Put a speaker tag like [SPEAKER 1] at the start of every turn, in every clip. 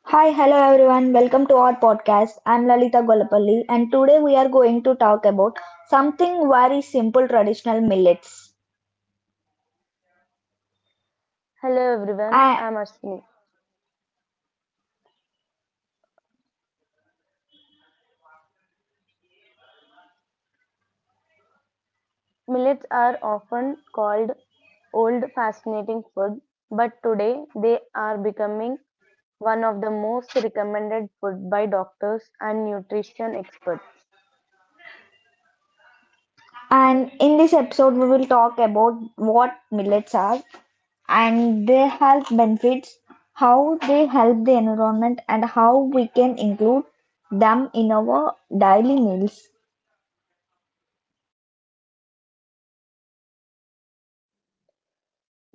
[SPEAKER 1] Hi, hello everyone. Welcome to our podcast. I'm Lalita Golapalli, and today we are going to talk about something very simple traditional millets.
[SPEAKER 2] Hello everyone,
[SPEAKER 1] A-
[SPEAKER 2] I'm Ashwini. Millets are often called old fascinating food, but today they are becoming one of the most recommended food by doctors and nutrition experts.
[SPEAKER 1] And in this episode, we will talk about what millets are and their health benefits, how they help the environment, and how we can include them in our daily meals.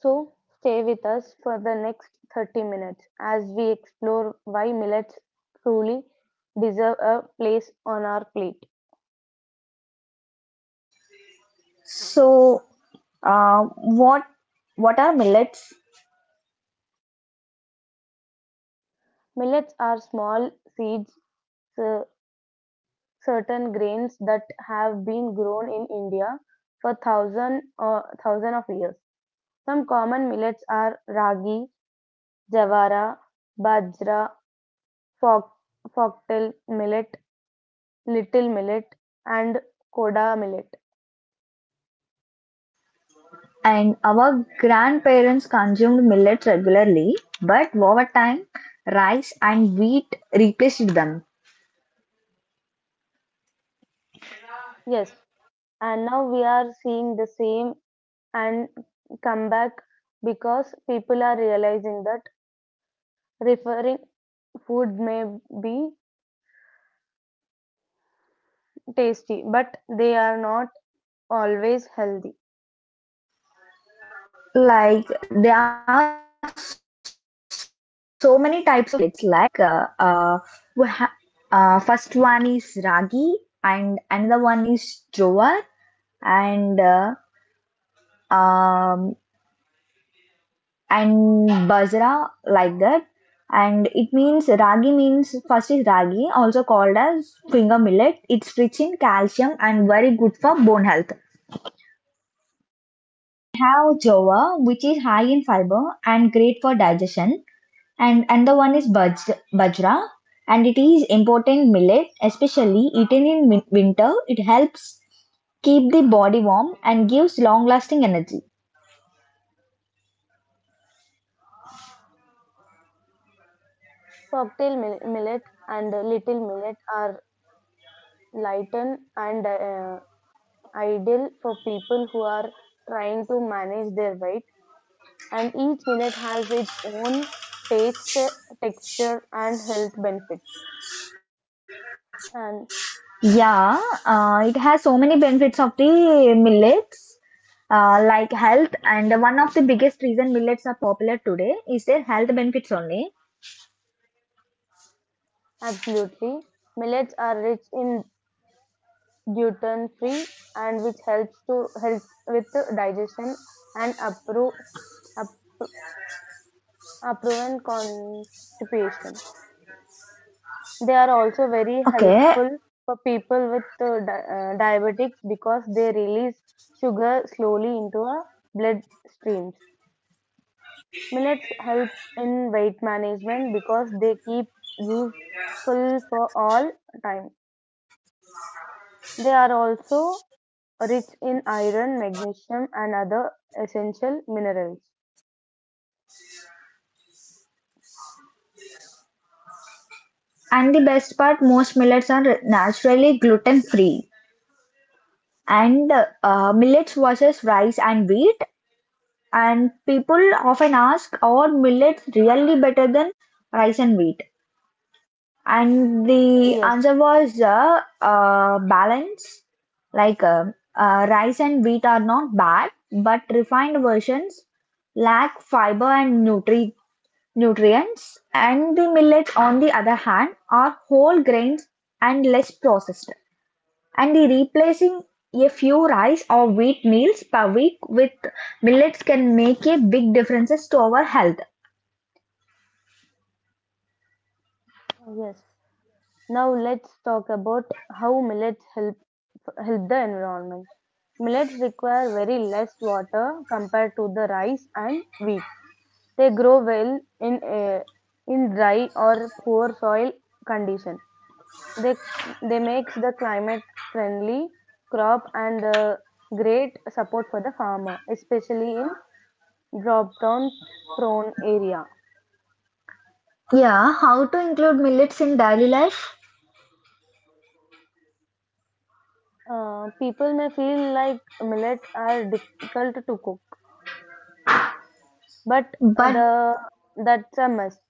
[SPEAKER 2] So stay with us for the next 30 minutes as we explore why millets truly deserve a place on our plate.
[SPEAKER 1] So, uh, what what are millets?
[SPEAKER 2] Millets are small seeds uh, certain grains that have been grown in India for thousand of years. Some common millets are ragi, jawara, bajra, fox, foxtail millet, little millet, and koda millet.
[SPEAKER 1] And our grandparents consumed millet regularly, but over time, rice and wheat replaced them.
[SPEAKER 2] Yes, and now we are seeing the same and comeback because people are realizing that referring food may be tasty, but they are not always healthy.
[SPEAKER 1] Like there are so many types of millets. Like we ha- first one is ragi, and another one is jowar, and uh, um, and bajra, like that. And it means ragi means first is ragi, also called as finger millet. It's rich in calcium and very good for bone health. We have jowar, which is high in fiber and great for digestion. And another one is bajra, and it is important millet, especially eaten in winter. It helps keep the body warm and gives long lasting energy.
[SPEAKER 2] Folktale millet and little millet are lighten and ideal for people who are trying to manage their weight. And each millet has its own taste, texture, and health benefits. And
[SPEAKER 1] Yeah, it has so many benefits of the millets, like health. And one of the biggest reason millets are popular today is their health benefits only.
[SPEAKER 2] absolutely, millets are rich in gluten free and which helps to helps with the digestion and appro, appro constipation. They are also very helpful
[SPEAKER 1] Okay.
[SPEAKER 2] for people with diabetics because they release sugar slowly into our blood streams. Millets help in weight management because they keep useful for all time. They are also rich in iron, magnesium, and other essential minerals.
[SPEAKER 1] And the best part, most millets are naturally gluten free. And millets versus rice and wheat. And people often ask, are millets really better than rice and wheat? And
[SPEAKER 2] Yes,
[SPEAKER 1] the answer was balance. Like rice and wheat are not bad, but refined versions lack fiber and nutrients. And the millets, on the other hand, are whole grains and less processed. And the replacing a few rice or wheat meals per week with millets can make a big differences to our health.
[SPEAKER 2] yes. Now let's talk about how millets help the environment. Millets require very less water compared to the rice and wheat. They grow well in in dry or poor soil condition. They they makes the climate friendly crop and great support for the farmer, especially in drop down prone area.
[SPEAKER 1] Yeah, how to include millets in daily life?
[SPEAKER 2] People may feel like millet are difficult to cook. But uh,
[SPEAKER 1] But
[SPEAKER 2] the that's a must.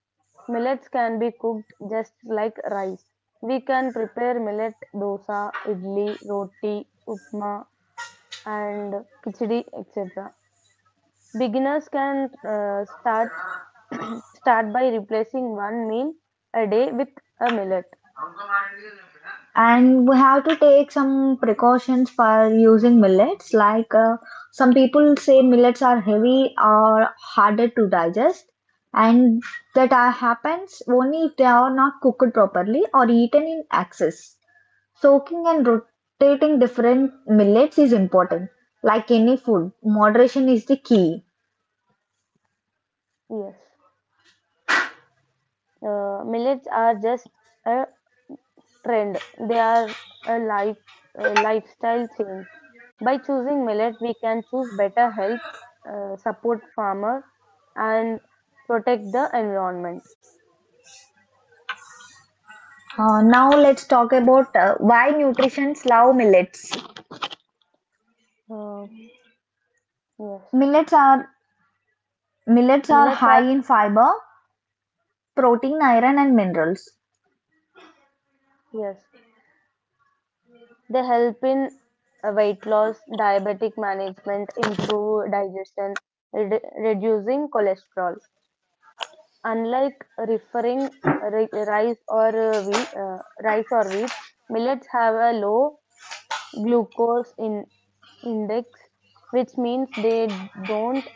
[SPEAKER 2] Millets can be cooked just like rice. We can prepare millet dosa, idli, roti, upma, and khichdi, etc. Beginners can start start by replacing one meal a day with a millet.
[SPEAKER 1] and we have to take some precautions for using millets, like some people say millets are heavy or harder to digest, and that happens only if they are not cooked properly or eaten in excess. Soaking and rotating different millets is important. Like any food, moderation is the key.
[SPEAKER 2] Yes, millets are just a trend, they are a life, a lifestyle change. By choosing millet, we can choose better health, support farmer, and protect the environment.
[SPEAKER 1] Now let's talk about why nutritionists love millets.
[SPEAKER 2] Uh, yes,
[SPEAKER 1] Millets are millets are
[SPEAKER 2] millets
[SPEAKER 1] high
[SPEAKER 2] are
[SPEAKER 1] in
[SPEAKER 2] hi-
[SPEAKER 1] fiber, protein, iron, and minerals.
[SPEAKER 2] yes they help in weight loss, diabetic management, improve digestion, reducing cholesterol. Unlike referring rice or rice or wheat, millets have a low glucose in index, which means they don't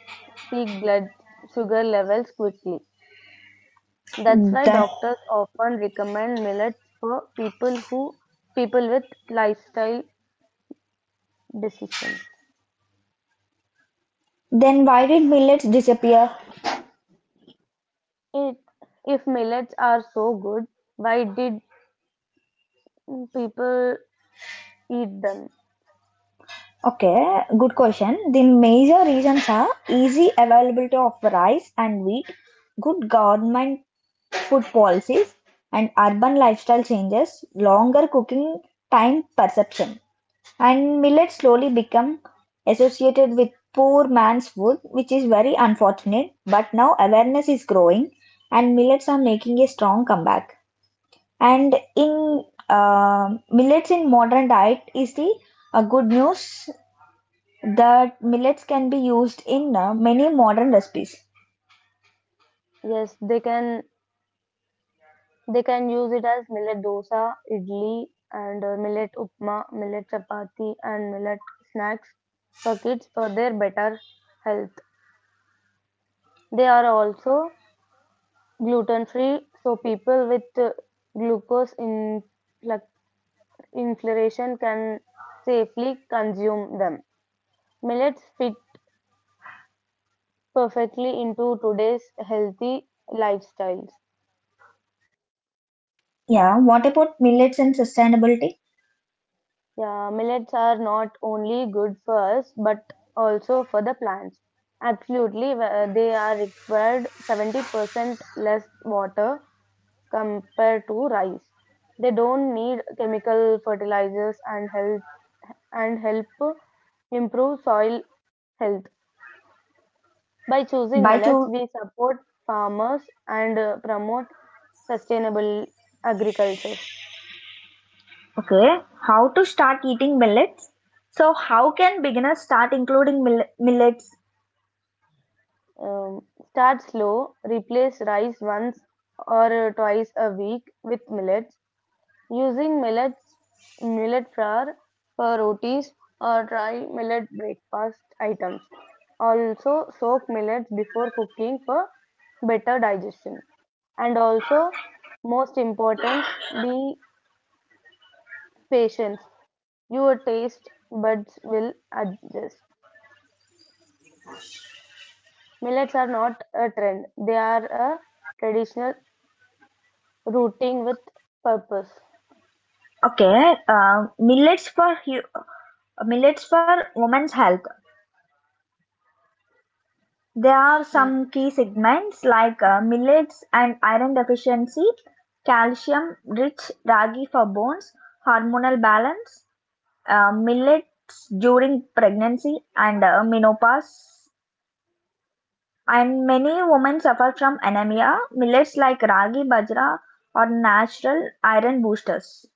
[SPEAKER 2] peak blood sugar levels quickly. That's why
[SPEAKER 1] That
[SPEAKER 2] doctors often recommend millets for people with lifestyle decisions.
[SPEAKER 1] then why did millets disappear?
[SPEAKER 2] It, if millets are so good, why did people eat them?
[SPEAKER 1] Okay, good question. The major reasons are easy availability of rice and wheat, good government food policies, and urban lifestyle changes, longer cooking time perception. And millets slowly become associated with poor man's food, which is very unfortunate. But now awareness is growing, and millets are making a strong comeback. And in millets in modern diet is the good news that millets can be used in many modern recipes.
[SPEAKER 2] Yes, they can. They can use it as millet dosa, idli, and millet upma, millet chapati, and millet snacks for kids for their better health. They are also gluten free, so people with glucose in like, inflammation can safely consume them. Millets fit perfectly into today's healthy lifestyles.
[SPEAKER 1] Yeah, what about millets and sustainability?
[SPEAKER 2] Yeah, millets are not only good for us but also for the plants. Absolutely, they are required 70% less water compared to rice. They don't need chemical fertilizers and help improve soil health. By choosing
[SPEAKER 1] By
[SPEAKER 2] millets,
[SPEAKER 1] to
[SPEAKER 2] we support farmers and promote sustainable agriculture.
[SPEAKER 1] okay, how to start eating millets? So how can beginners start including millets?
[SPEAKER 2] Um, Start slow, replace rice once or twice a week with millets. Using millet flour for rotis or try millet breakfast items. Also, soak millets before cooking for better digestion. And also, most important, be patient. Your taste buds will adjust. Millets are not a trend, they are a traditional rooting with purpose.
[SPEAKER 1] Okay, millets for millets for women's health. There are
[SPEAKER 2] Mm,
[SPEAKER 1] some key segments like millets and iron deficiency, calcium-rich ragi for bones, hormonal balance, millets during pregnancy and menopause. And many women suffer from anemia. Millets like ragi, bajra are natural iron boosters.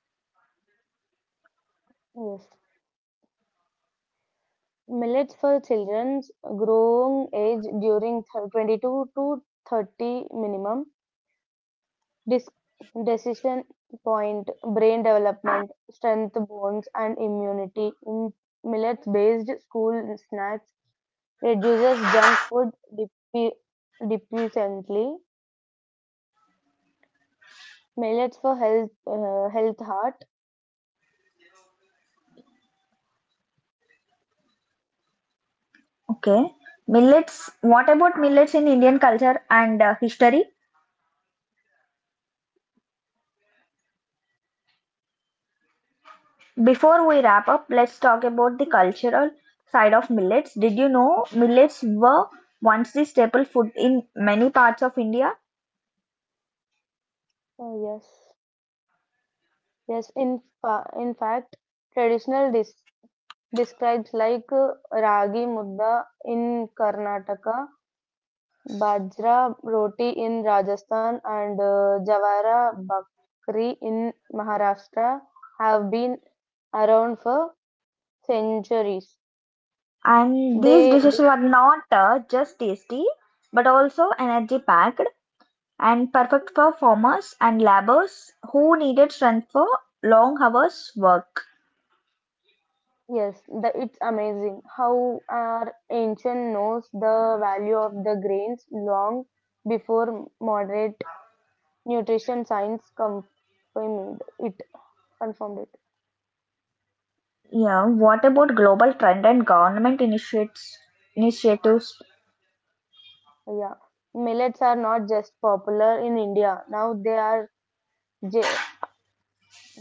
[SPEAKER 2] yes. Millets for children's growing age during 22 to 30 minimum. Dis- Decision point, brain development, strength, bones, and immunity. In millets based school snacks reduces junk food depe- deficiently. Millets for health, health heart.
[SPEAKER 1] Okay. Millets, what about millets in Indian culture and history? Before we wrap up, let's talk about the cultural side of millets. Did you know millets were once the staple food in many parts of India?
[SPEAKER 2] Oh, yes. Yes. In fact, traditional dis. Describes like ragi mudda in Karnataka, bajra roti in Rajasthan, and jawara bakri in Maharashtra have been around for centuries.
[SPEAKER 1] And these
[SPEAKER 2] They
[SPEAKER 1] dishes were not just tasty but also energy packed and perfect for farmers and laborers who needed strength for long hours work.
[SPEAKER 2] yes, the, it's amazing how our ancient knows the value of the grains long before moderate nutrition science confirmed it.
[SPEAKER 1] Yeah, what about global trend and government initiates initiatives?
[SPEAKER 2] Yeah, millets are not just popular in India. Now they are ge-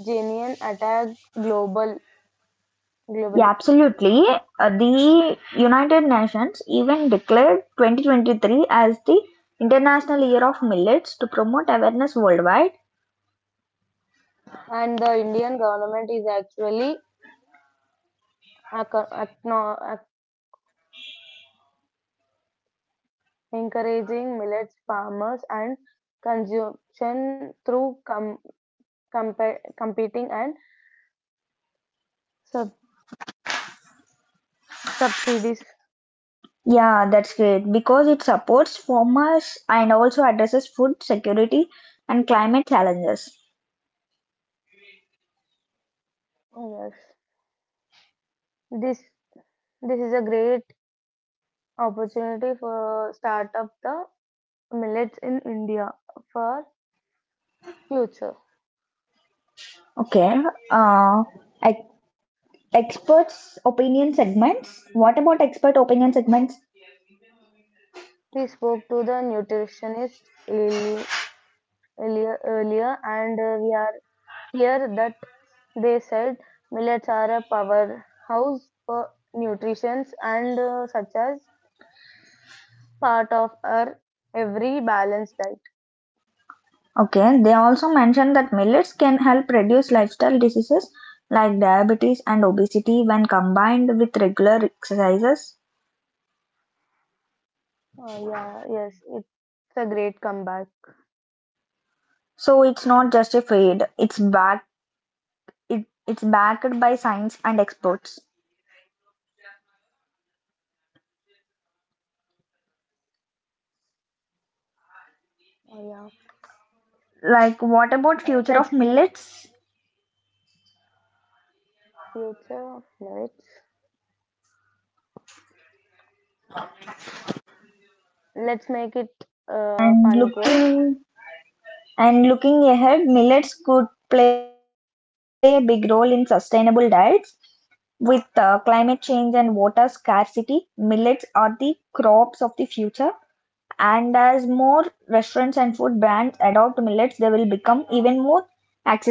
[SPEAKER 2] genuine attacked
[SPEAKER 1] Yeah,
[SPEAKER 2] globally,
[SPEAKER 1] absolutely. The United Nations even declared 2023 as the International Year of Millets to promote awareness worldwide.
[SPEAKER 2] and the Indian government is actually acco- acknow- ac- encouraging millets farmers and consumption through competing and sub- subsidies.
[SPEAKER 1] Yeah, that's great because it supports farmers and also addresses food security and climate challenges.
[SPEAKER 2] Yes, this this is a great opportunity for start up the millets in India for future.
[SPEAKER 1] Okay, uh, ex- experts' opinion segments. What about expert opinion segments?
[SPEAKER 2] We spoke to the nutritionist earlier and we are here that they said millets are a powerhouse for nutrition and such as part of our every balanced diet.
[SPEAKER 1] Okay, they also mention that millets can help reduce lifestyle diseases like diabetes and obesity when combined with regular exercises.
[SPEAKER 2] Yeah, yes, it's a great comeback.
[SPEAKER 1] So it's not just a fad. It's back. It's backed by science and experts.
[SPEAKER 2] Uh, yeah,
[SPEAKER 1] Like what about
[SPEAKER 2] uh,
[SPEAKER 1] future
[SPEAKER 2] let's
[SPEAKER 1] of
[SPEAKER 2] make
[SPEAKER 1] millets?
[SPEAKER 2] future of millets. Let's make it a
[SPEAKER 1] And
[SPEAKER 2] fun quiz.
[SPEAKER 1] looking and looking ahead, millets could play a big role in sustainable diets. With climate change and water scarcity, millets are the crops of the future. And as more restaurants and food brands adopt millets, they will become even more accessible.